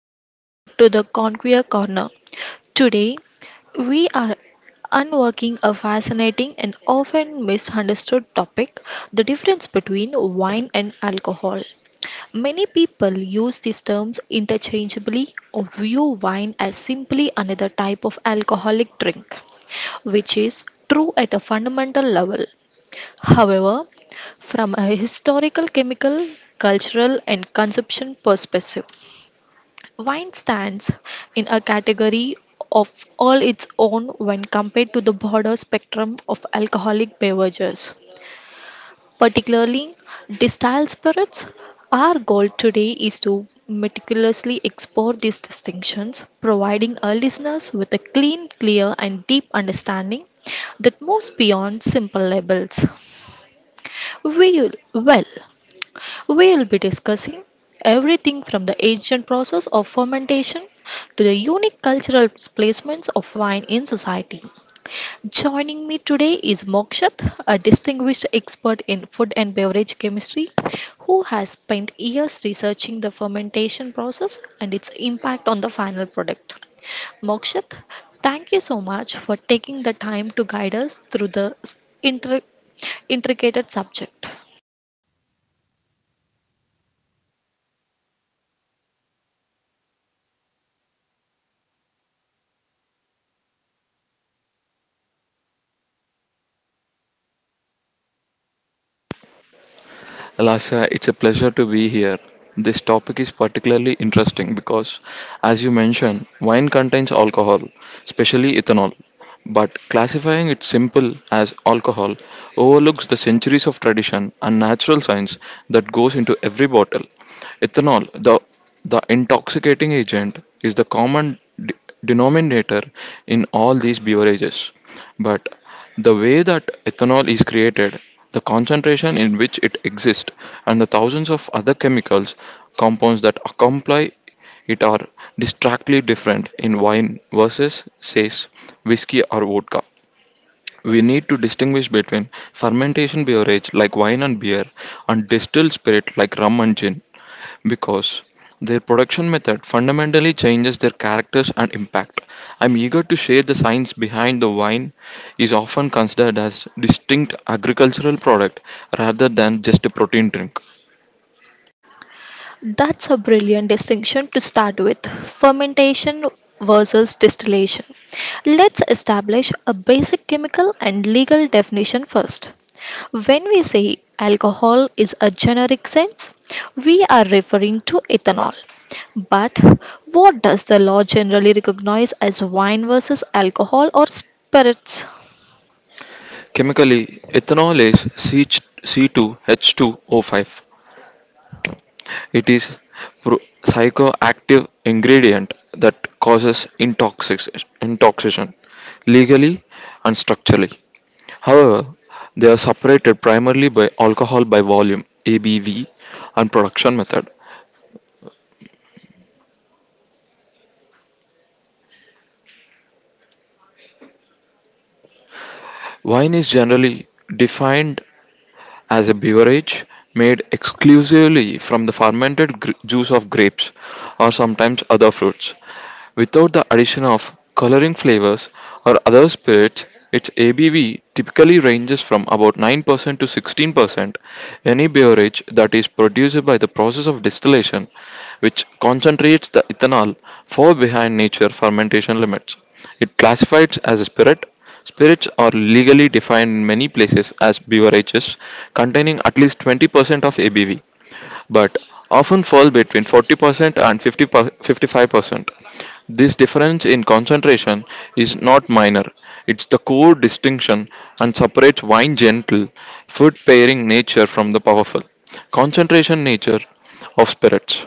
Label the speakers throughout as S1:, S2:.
S1: and welcome back to the Conquer Corner. Today, we are unworking a fascinating and often misunderstood topic, the difference between wine and alcohol. Many people use these terms interchangeably or view wine as simply another type of alcoholic drink, which is true at a fundamental level. However, from a historical, chemical, cultural, and consumption perspective, wine stands in a category of all its own when compared to the broader spectrum of alcoholic beverages, particularly distilled spirits. Our goal today is to meticulously explore these distinctions, providing our listeners with a clean, clear, and deep understanding that moves beyond simple labels. We, well, We'll be discussing everything from the ancient process of fermentation to the unique cultural placements of wine in society. Joining me today is Mokshat, a distinguished expert in food and beverage chemistry who has spent years researching the fermentation process and its impact on the final product. Mokshat, thank you so much for taking the time to guide us through the inter- intricate subject.
S2: Alasya, it's a pleasure to be here. This topic is particularly interesting because, as you mentioned, wine contains alcohol, especially ethanol. But classifying it simple as alcohol overlooks the centuries of tradition and natural science that goes into every bottle. Ethanol, the intoxicating agent, is the common d- denominator in all these beverages. But the way that ethanol is created, the concentration in which it exists, and the thousands of other chemicals compounds that accompany it are distinctly different in wine versus, says, whiskey or vodka. We need to distinguish between fermentation beverage like wine and beer and distilled spirit like rum and gin because their production method fundamentally changes their characters and impact. I'm eager to share the science behind the wine is often considered as distinct agricultural product rather than just a protein drink.
S1: That's a brilliant distinction to start with, fermentation versus distillation. Let's establish a basic chemical and legal definition first. When we say alcohol is a generic sense, we are referring to ethanol. But what does the law generally recognize as wine versus alcohol or spirits?
S2: Chemically, ethanol is C2H2O5. It is pro- psychoactive ingredient that causes intoxication legally and structurally. However, they are separated primarily by alcohol by volume (ABV) and production method. Wine is generally defined as a beverage made exclusively from the fermented juice of grapes or sometimes other fruits. Without the addition of coloring flavors or other spirits, its ABV typically ranges from about 9% to 16%. Any beverage that is produced by the process of distillation, which concentrates the ethanol, far behind nature fermentation limits. It classifies as a spirit. Spirits are legally defined in many places as beverages containing at least 20% of ABV, but often fall between 40% and 50 55%. This difference in concentration is not minor, it's the core distinction and separates wine gentle, food pairing nature from the powerful concentration nature of spirits.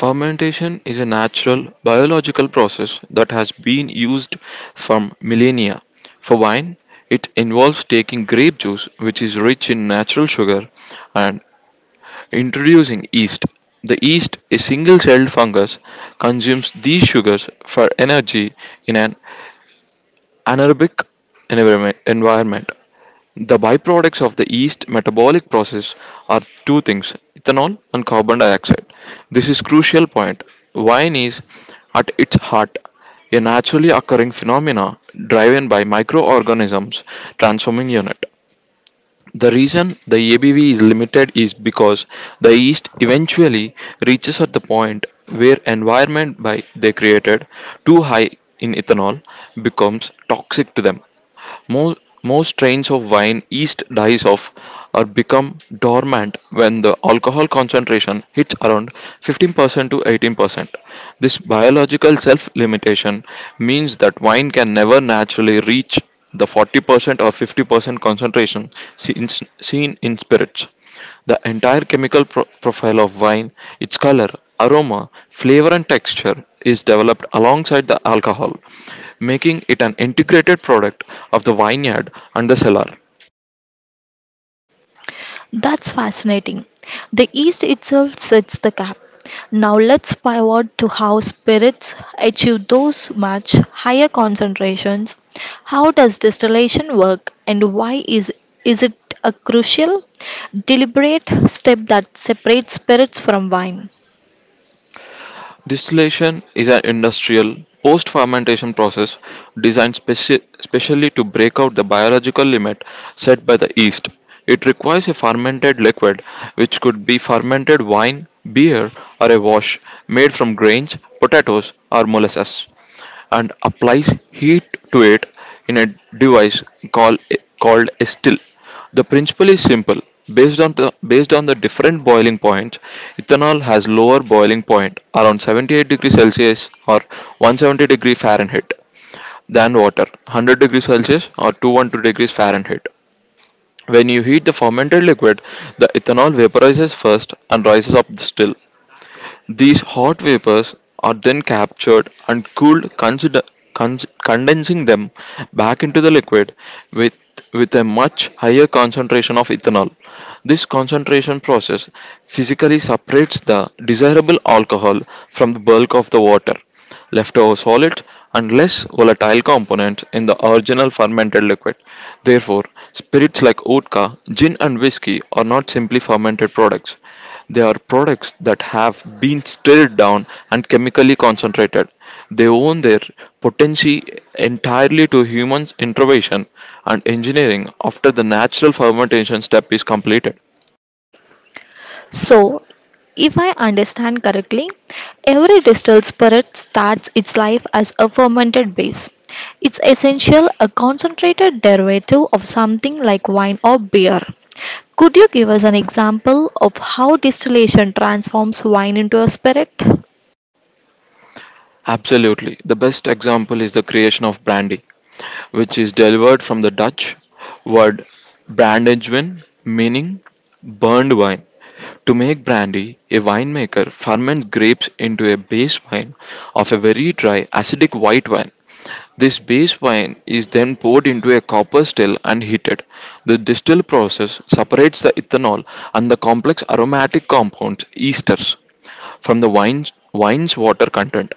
S2: Fermentation is a natural, biological process that has been used from millennia. For wine, it involves taking grape juice, which is rich in natural sugar, and introducing yeast. The yeast, a single celled fungus, consumes these sugars for energy in an anaerobic environment. The byproducts of the yeast metabolic process are two things, ethanol and carbon dioxide. This is crucial point. Wine is at its heart a naturally occurring phenomena driven by microorganisms transforming unit. The reason the ABV is limited is because the yeast eventually reaches at the point where environment by they created too high in ethanol becomes toxic to them. Most, most strains of wine yeast dies off or become dormant when the alcohol concentration hits around 15% to 18%. This biological self limitation means that wine can never naturally reach the 40% or 50% concentration seen, seen in spirits. The entire chemical profile of wine, its color, aroma, flavor, and texture is developed alongside the alcohol, making it an integrated product of the vineyard and the cellar. Distillation is an industrial post fermentation process designed specially to break out the biological limit set by the yeast. It requires a fermented liquid, which could be fermented wine, beer, or a wash made from grains, potatoes, or molasses, and applies heat to it in a device called called a still. The principle is simple. Based on the Based on the different boiling points, ethanol has lower boiling point around 78 degrees Celsius or 170 degrees Fahrenheit than water 100 degrees Celsius or 212 degrees Fahrenheit. When you heat the fermented liquid, the ethanol vaporizes first and rises up the still. These hot vapors are then captured and cooled, condensing them back into the liquid with, with a much higher concentration of ethanol. This concentration process physically separates the desirable alcohol from the bulk of the water. Leftover solid and less volatile components in the original fermented liquid. Therefore, spirits like vodka, gin, and whiskey are not simply fermented products. They are products that have been stirred down and chemically concentrated. They own their potency entirely to human intervention and engineering after the natural fermentation step is completed. Absolutely. The best example is the creation of brandy, which is derived from the Dutch word brandegewijn, meaning burned wine. To make brandy, a winemaker ferments grapes into a base wine of a very dry, acidic white wine. This base wine is then poured into a copper still and heated. The distill process separates the ethanol and the complex aromatic compounds, esters, from the wine's water content.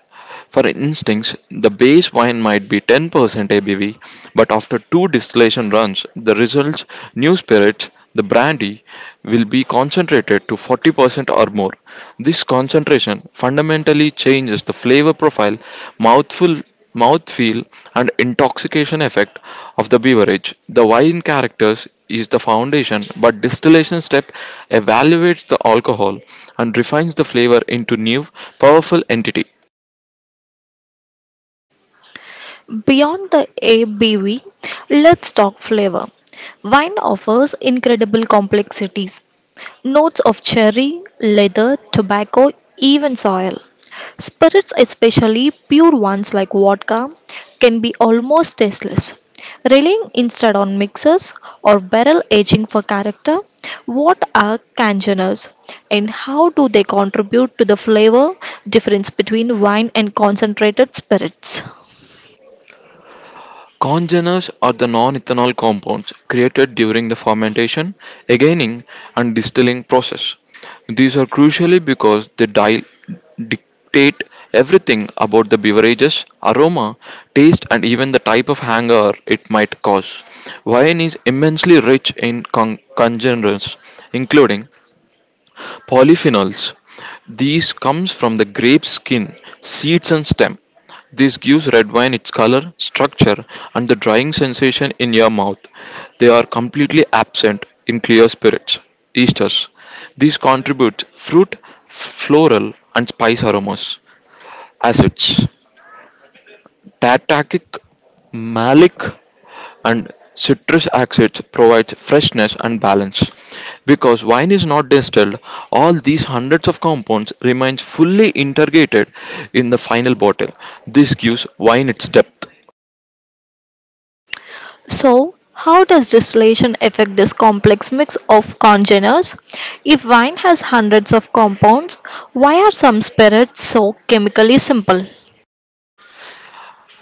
S2: For instance, the base wine might be 10% ABV, but after two distillation runs, the results, new spirits, the brandy, will be concentrated to 40% or more. This concentration fundamentally changes the flavor profile, mouthful mouthfeel, and intoxication effect of the beverage. The wine characters is the foundation, but distillation step evaluates the alcohol and refines the flavor into new, powerful entity. Congeners are the non ethanol compounds created during the fermentation, againing, and distilling process. These are crucially because they dictate everything about the beverage's aroma, taste, and even the type of hangover it might cause. Wine is immensely rich in congeners, including polyphenols. These comes from the grape skin, seeds and stem. This gives red wine its color, structure and the drying sensation in your mouth. They are completely absent in clear spirits, esters. These contribute fruit, floral and spice aromas. Acids. Tartaric, malic and citrus acids provide freshness and balance. Because wine is not distilled, all these hundreds of compounds remains fully integrated in the final bottle. This gives wine its depth.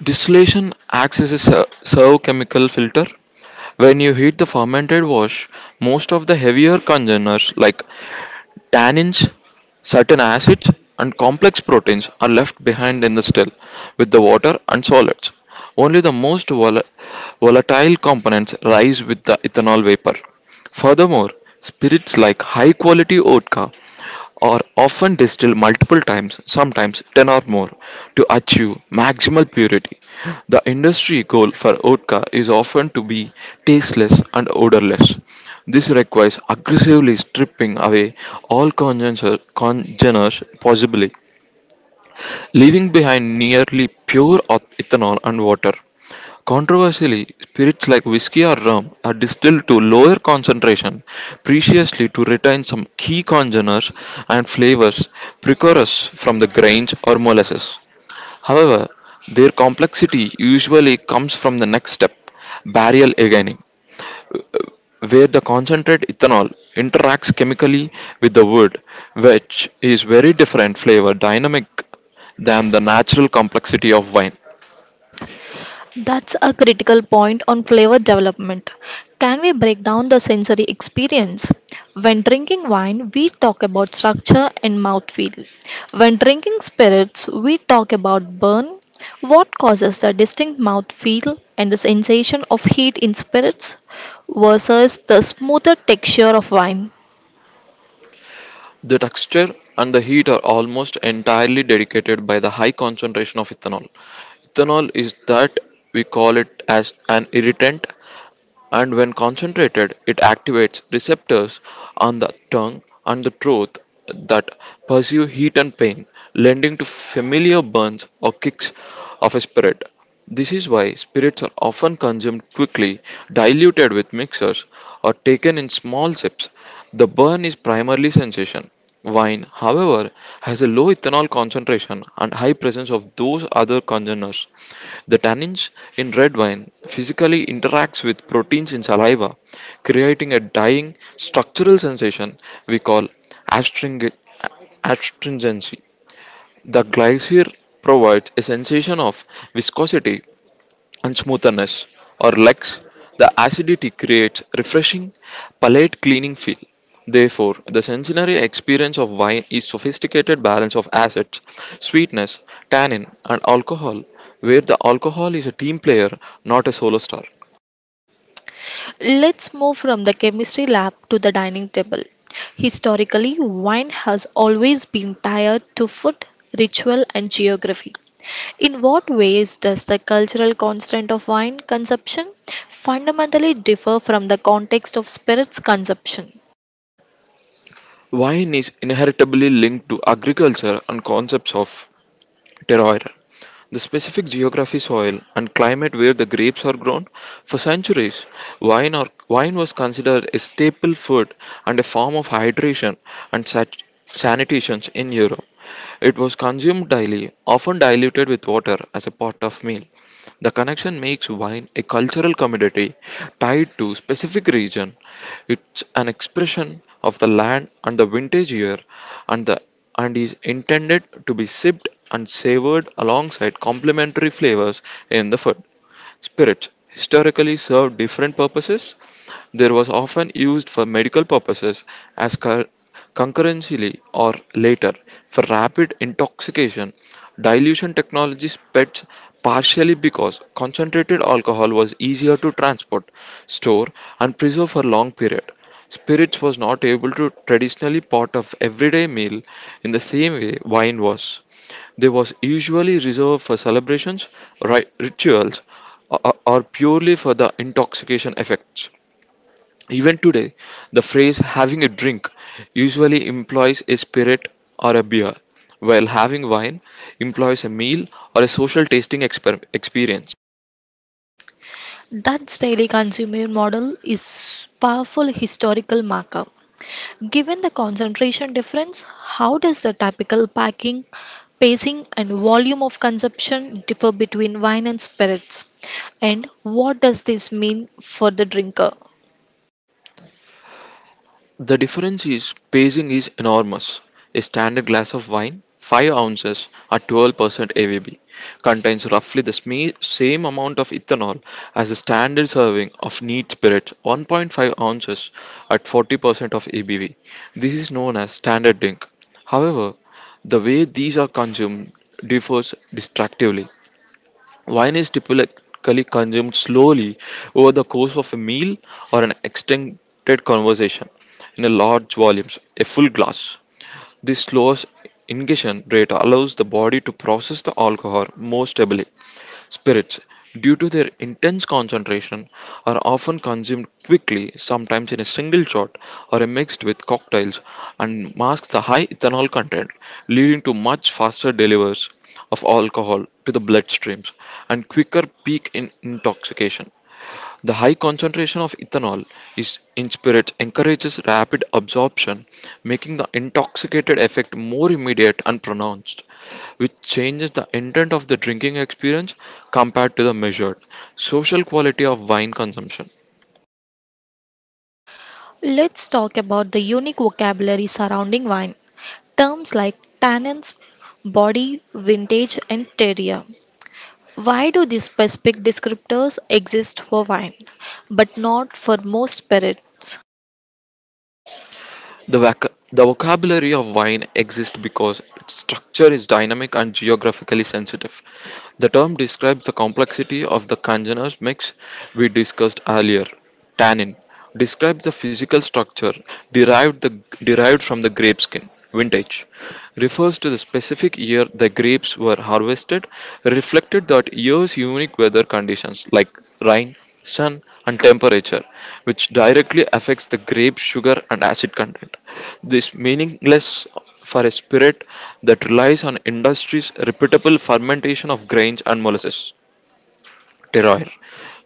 S2: Distillation acts as a servochemical filter. When you heat the fermented wash, most of the heavier congeners like tannins, certain acids, and complex proteins are left behind in the still with the water and solids. Only the most volatile components rise with the ethanol vapor. Furthermore, spirits like high quality vodka are often distilled multiple times, sometimes 10 or more, to achieve maximal purity. The industry goal for vodka is often to be tasteless and odorless. This requires aggressively stripping away all congeners possible, leaving behind nearly pure ethanol and water. Controversially, spirits like whiskey or rum are distilled to lower concentration, preciously to retain some key congeners and flavors precursors from the grains or molasses. However, their complexity usually comes from the next step, barrel aging, where the concentrate ethanol interacts chemically with the wood, which is very different flavor dynamic than the natural complexity of wine. The texture and the heat are almost entirely dedicated by the high concentration of ethanol. Ethanol is that we call it as an irritant and when concentrated, it activates receptors on the tongue and the throat that pursue heat and pain, lending to familiar burns or kicks of a spirit. This is why spirits are often consumed quickly, diluted with mixers, or taken in small sips. The burn is primarily sensation. Wine, however, has a low ethanol concentration and high presence of those other congeners. The tannins in red wine physically interacts with proteins in saliva, creating a dying structural sensation we call astringi- astringency. The glycer provides a sensation of viscosity and smoothness, or legs, the acidity creates refreshing, palate cleaning feel. Therefore, the sensory experience of wine is sophisticated balance of acids, sweetness, tannin, and alcohol, where the alcohol is a team player, not a solo star. Wine is inheritably linked to agriculture and concepts of terroir, the specific geography, soil, and climate where the grapes are grown. For centuries, wine was considered a staple food and a form of hydration and sanitation in Europe. It was consumed daily, often diluted with water as a part of meal. The connection makes wine a cultural commodity tied to specific region. It's an expression of the land and the vintage year and the and is intended to be sipped and savored alongside complementary flavors in the food. Spirits historically served different purposes. There was often used for medical purposes as concurrently or later for rapid intoxication. Dilution technology spread partially because concentrated alcohol was easier to transport, store, and preserve for long period. Spirits was not able to traditionally part of everyday meal in the same way wine was. They was usually reserved for celebrations, rituals, or purely for the intoxication effects. Even today, the phrase having a drink usually implies a spirit or a beer, while having wine implies a meal or a social tasting experience. The difference is pacing is enormous. A standard glass of wine, 5 ounces at 12% ABV, contains roughly the same amount of ethanol as a standard serving of neat spirits, 1.5 ounces at 40% of ABV. This is known as standard drink. However, the way these are consumed differs distractively. Wine is typically consumed slowly over the course of a meal or an extended conversation in a large volumes, a full glass. This slower ingestion rate allows the body to process the alcohol more stably. Spirits, due to their intense concentration, are often consumed quickly, sometimes in a single shot, or are mixed with cocktails and mask the high ethanol content, leading to much faster delivers of alcohol to the bloodstreams and quicker peak in intoxication. The high concentration of ethanol is in spirits encourages rapid absorption, making the intoxicated effect more immediate and pronounced, which changes the intent of the drinking experience compared to the measured social quality of wine consumption. The vocabulary of wine exists because its structure is dynamic and geographically sensitive. The term describes the complexity of the congeners mix we discussed earlier. Tannin describes the physical structure derived, the, derived from the grape skin. Vintage refers to the specific year the grapes were harvested, reflected that year's unique weather conditions like rain, sun, and temperature, which directly affects the grape sugar and acid content. This meaningless for a spirit that relies on industry's reputable fermentation of grains and molasses terroir.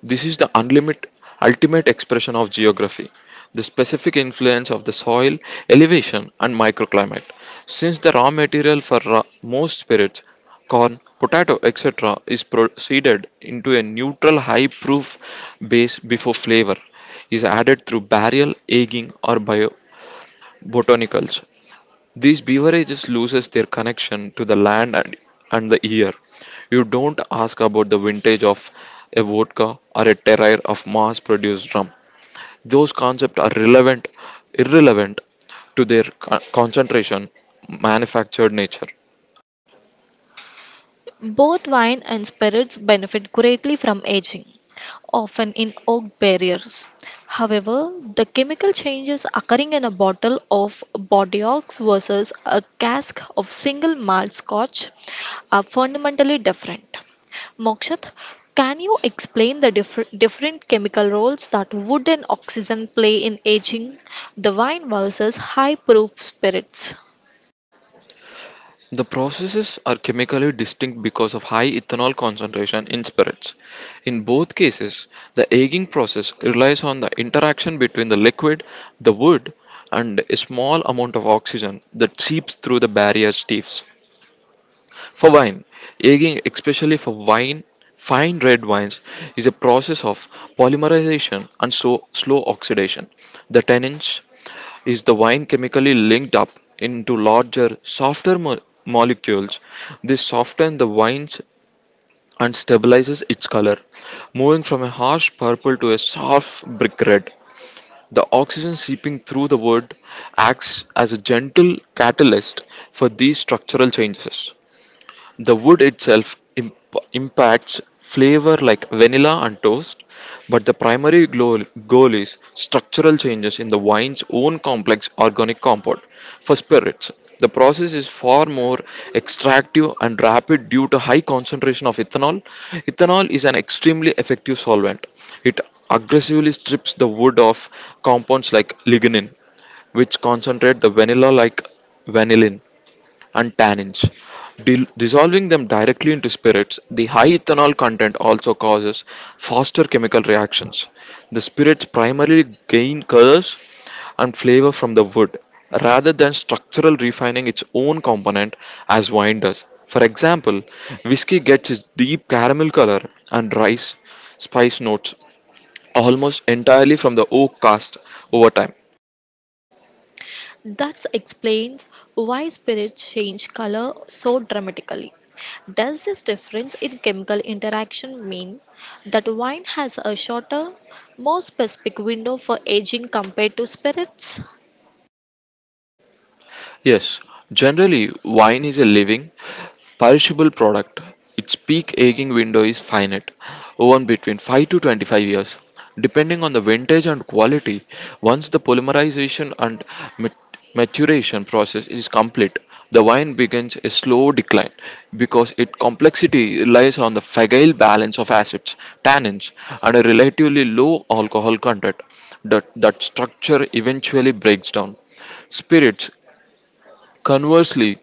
S2: This is the ultimate expression of geography, the specific influence of the soil, elevation, and microclimate. Since the raw material for most spirits, corn, potato, etc., is proceeded into a neutral high proof base before flavor is added through barrel, aging, or biobotanicals. These beverages loses their connection to the land and the year. You don't ask about the vintage of a vodka or a terrier of mass-produced rum. Those concepts are irrelevant to their concentration, manufactured nature. The processes are chemically distinct because of high ethanol concentration in spirits. In both cases, the aging process relies on the interaction between the liquid, the wood, and a small amount of oxygen that seeps through the barrier steves. For wine, aging, especially for wine, fine red wines, is a process of polymerization and so slow oxidation. The tannins, is the wine chemically linked up into larger, softer molecules? This softens the wines and stabilizes its color, moving from a harsh purple to a soft brick red. The oxygen seeping through the wood acts as a gentle catalyst for these structural changes. The wood itself impacts flavor like vanilla and toast, but the primary goal is structural changes in the wine's own complex organic compound. For spirits, the process is far more extractive and rapid due to high concentration of ethanol. Ethanol is an extremely effective solvent. It aggressively strips the wood of compounds like lignin, which concentrate the vanilla like vanillin and tannins. Dissolving them directly into spirits, the high ethanol content also causes faster chemical reactions. The spirits primarily gain colors and flavor from the wood rather than structural refining its own component as wine does. For example, whiskey gets its deep caramel color and rice spice notes almost entirely from the oak cast over time. Yes, generally, wine is a living, perishable product. Its peak aging window is finite, one between 5 to 25 years. Depending on the vintage and quality, once the polymerization and mat- maturation process is complete, the wine begins a slow decline because its complexity relies on the fragile balance of acids, tannins, and a relatively low alcohol content. That structure eventually breaks down. Spirits conversely,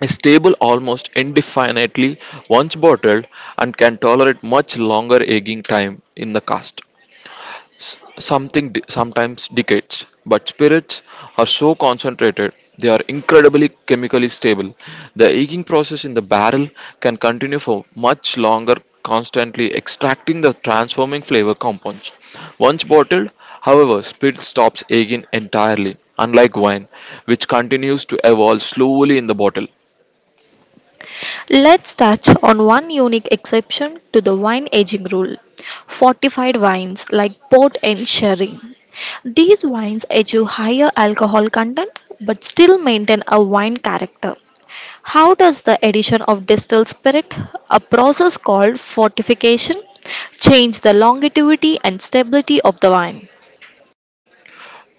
S2: a stable, almost indefinitely once bottled and can tolerate much longer aging time in the cask s- something sometimes decades, but spirits are so concentrated, they are incredibly chemically stable. The aging process in the barrel can continue for much longer, constantly extracting the transforming flavor compounds. Once bottled, however, spirit stops aging entirely, unlike wine, which continues to evolve slowly in the bottle.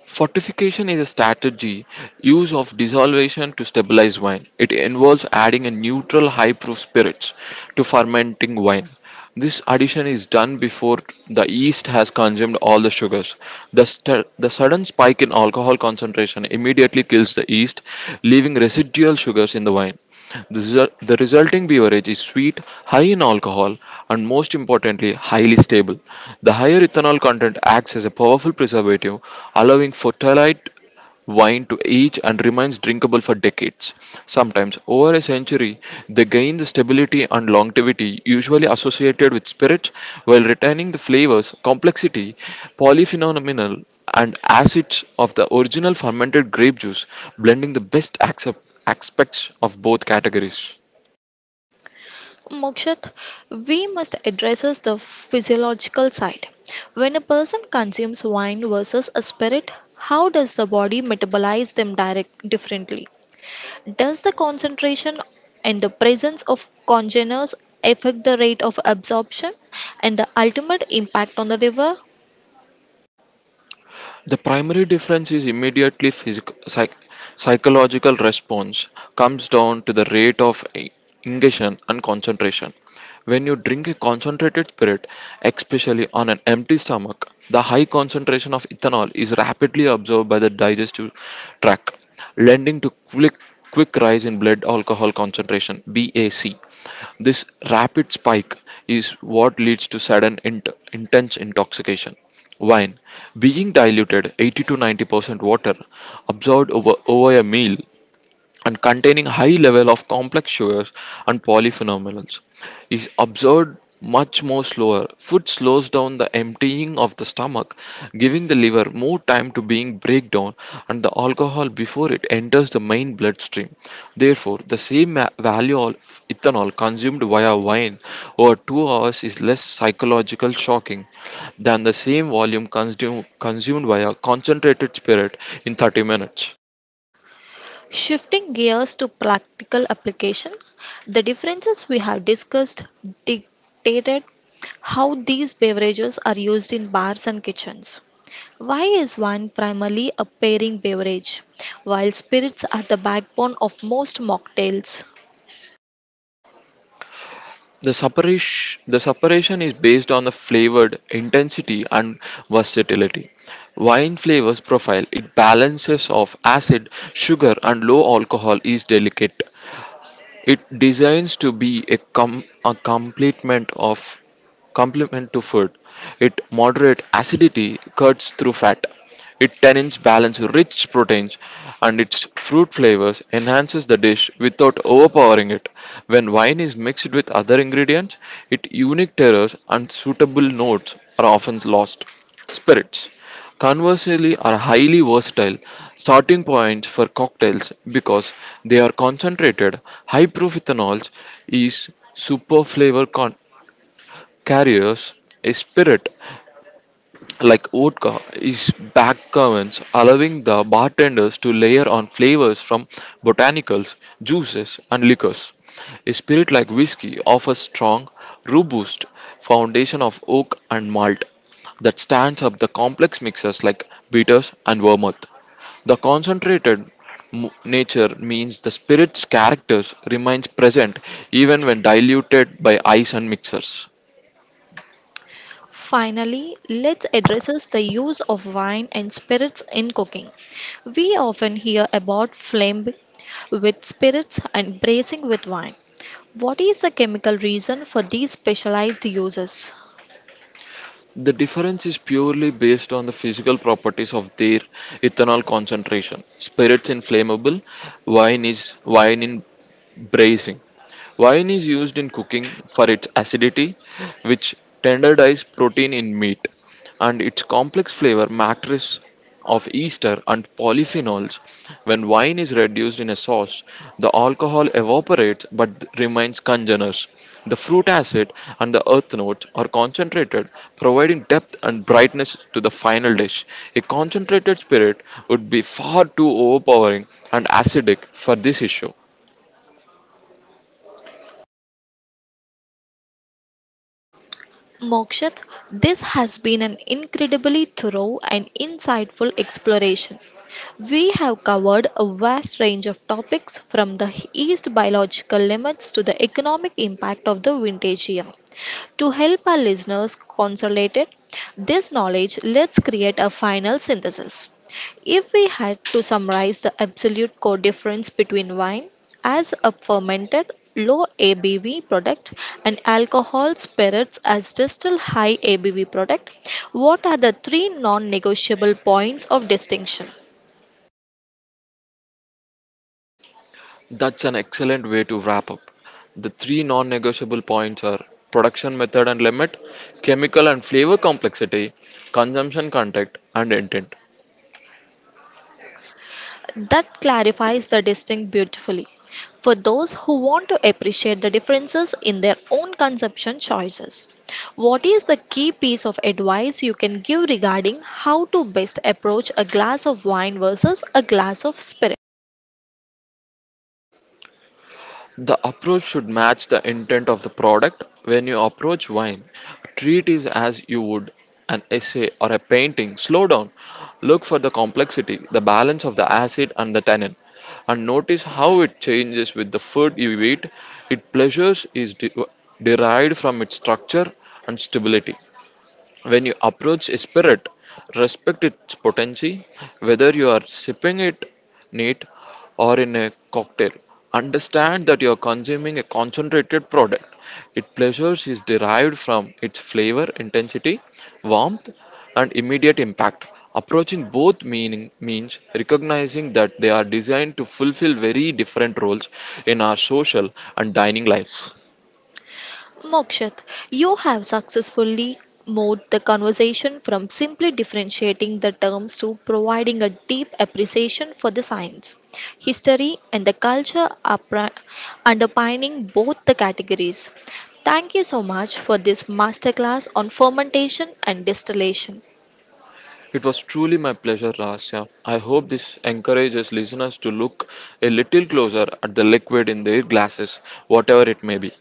S2: Fortification is a strategy use of dissolution to stabilize wine. It involves adding a neutral high proof spirits to fermenting wine. This addition is done before the yeast has consumed all the sugars. The sudden spike in alcohol concentration immediately kills the yeast, leaving residual sugars in the wine. The resulting beverage is sweet, high in alcohol, and most importantly, highly stable. The higher ethanol content acts as a powerful preservative, allowing fortalite wine to age and remains drinkable for decades. Sometimes, over a century, they gain the stability and longevity usually associated with spirits while retaining the flavors, complexity, polyphenomenal and acids of the original fermented grape juice, blending the best aspects of both categories. The primary difference is immediately physical, psychological response comes down to the rate of ingestion and concentration. When you drink a concentrated spirit, especially on an empty stomach, the high concentration of ethanol is rapidly absorbed by the digestive tract, lending to quick rise in blood alcohol concentration BAC. This rapid spike is what leads to sudden intense intoxication. Wine, being diluted 80 to 90% water, absorbed over a meal and containing high level of complex sugars and polyphenols, is absorbed much more slower. Food slows down the emptying of the stomach, giving the liver more time to being break down and the alcohol before it enters the main bloodstream. Therefore the same value of ethanol consumed via wine over 2 hours is less psychological shocking than the same volume consumed via concentrated spirit in 30 minutes. The separation is based on the flavored intensity and versatility. Wine flavors profile it balances of acid, sugar, and low alcohol is delicate. It designs to be a complement to food. It moderate acidity cuts through fat. It tannins balance rich proteins and its fruit flavors enhances the dish without overpowering it. When wine is mixed with other ingredients, its unique terroirs and suitable notes are often lost. Spirits, conversely, are highly versatile starting points for cocktails because they are concentrated, high proof ethanols is super flavor carriers. A spirit like vodka, is backcovens, allowing the bartenders to layer on flavors from botanicals, juices, and liquors. A spirit like whiskey offers strong, robust foundation of oak and malt that stands up the complex mixers like bitters and vermouth. The concentrated nature means the spirit's characters remains present even when diluted by ice and mixers. The difference is purely based on the physical properties of their ethanol concentration. Spirits inflammable, wine is wine in bracing. Wine is used in cooking for its acidity, which tenderizes protein in meat, and its complex flavor matrix of ester and polyphenols. When wine is reduced in a sauce, the alcohol evaporates but remains congeners. The fruit acid and the earth notes are concentrated, providing depth and brightness to the final dish. A concentrated spirit would be far too overpowering and acidic for this issue. That's an excellent way to wrap up. The three non negotiable points are production method and limit, chemical and flavor complexity, consumption contact, and intent. The approach should match the intent of the product. When you approach wine, treat it as you would an essay or a painting. Slow down, look for the complexity, the balance of the acid and the tannin, and notice how it changes with the food you eat. Its pleasures is derived from its structure and stability. When you approach a spirit, respect its potency, whether you are sipping it neat or in a cocktail. Understand that you are consuming a concentrated product. Its pleasures is derived from its flavor, intensity, warmth, and immediate impact. Approaching both meaning means recognizing that they are designed to fulfill very different roles in our social and dining lives. It was truly my pleasure, Rahasya. I hope this encourages listeners to look a little closer at the liquid in their glasses, whatever it may be.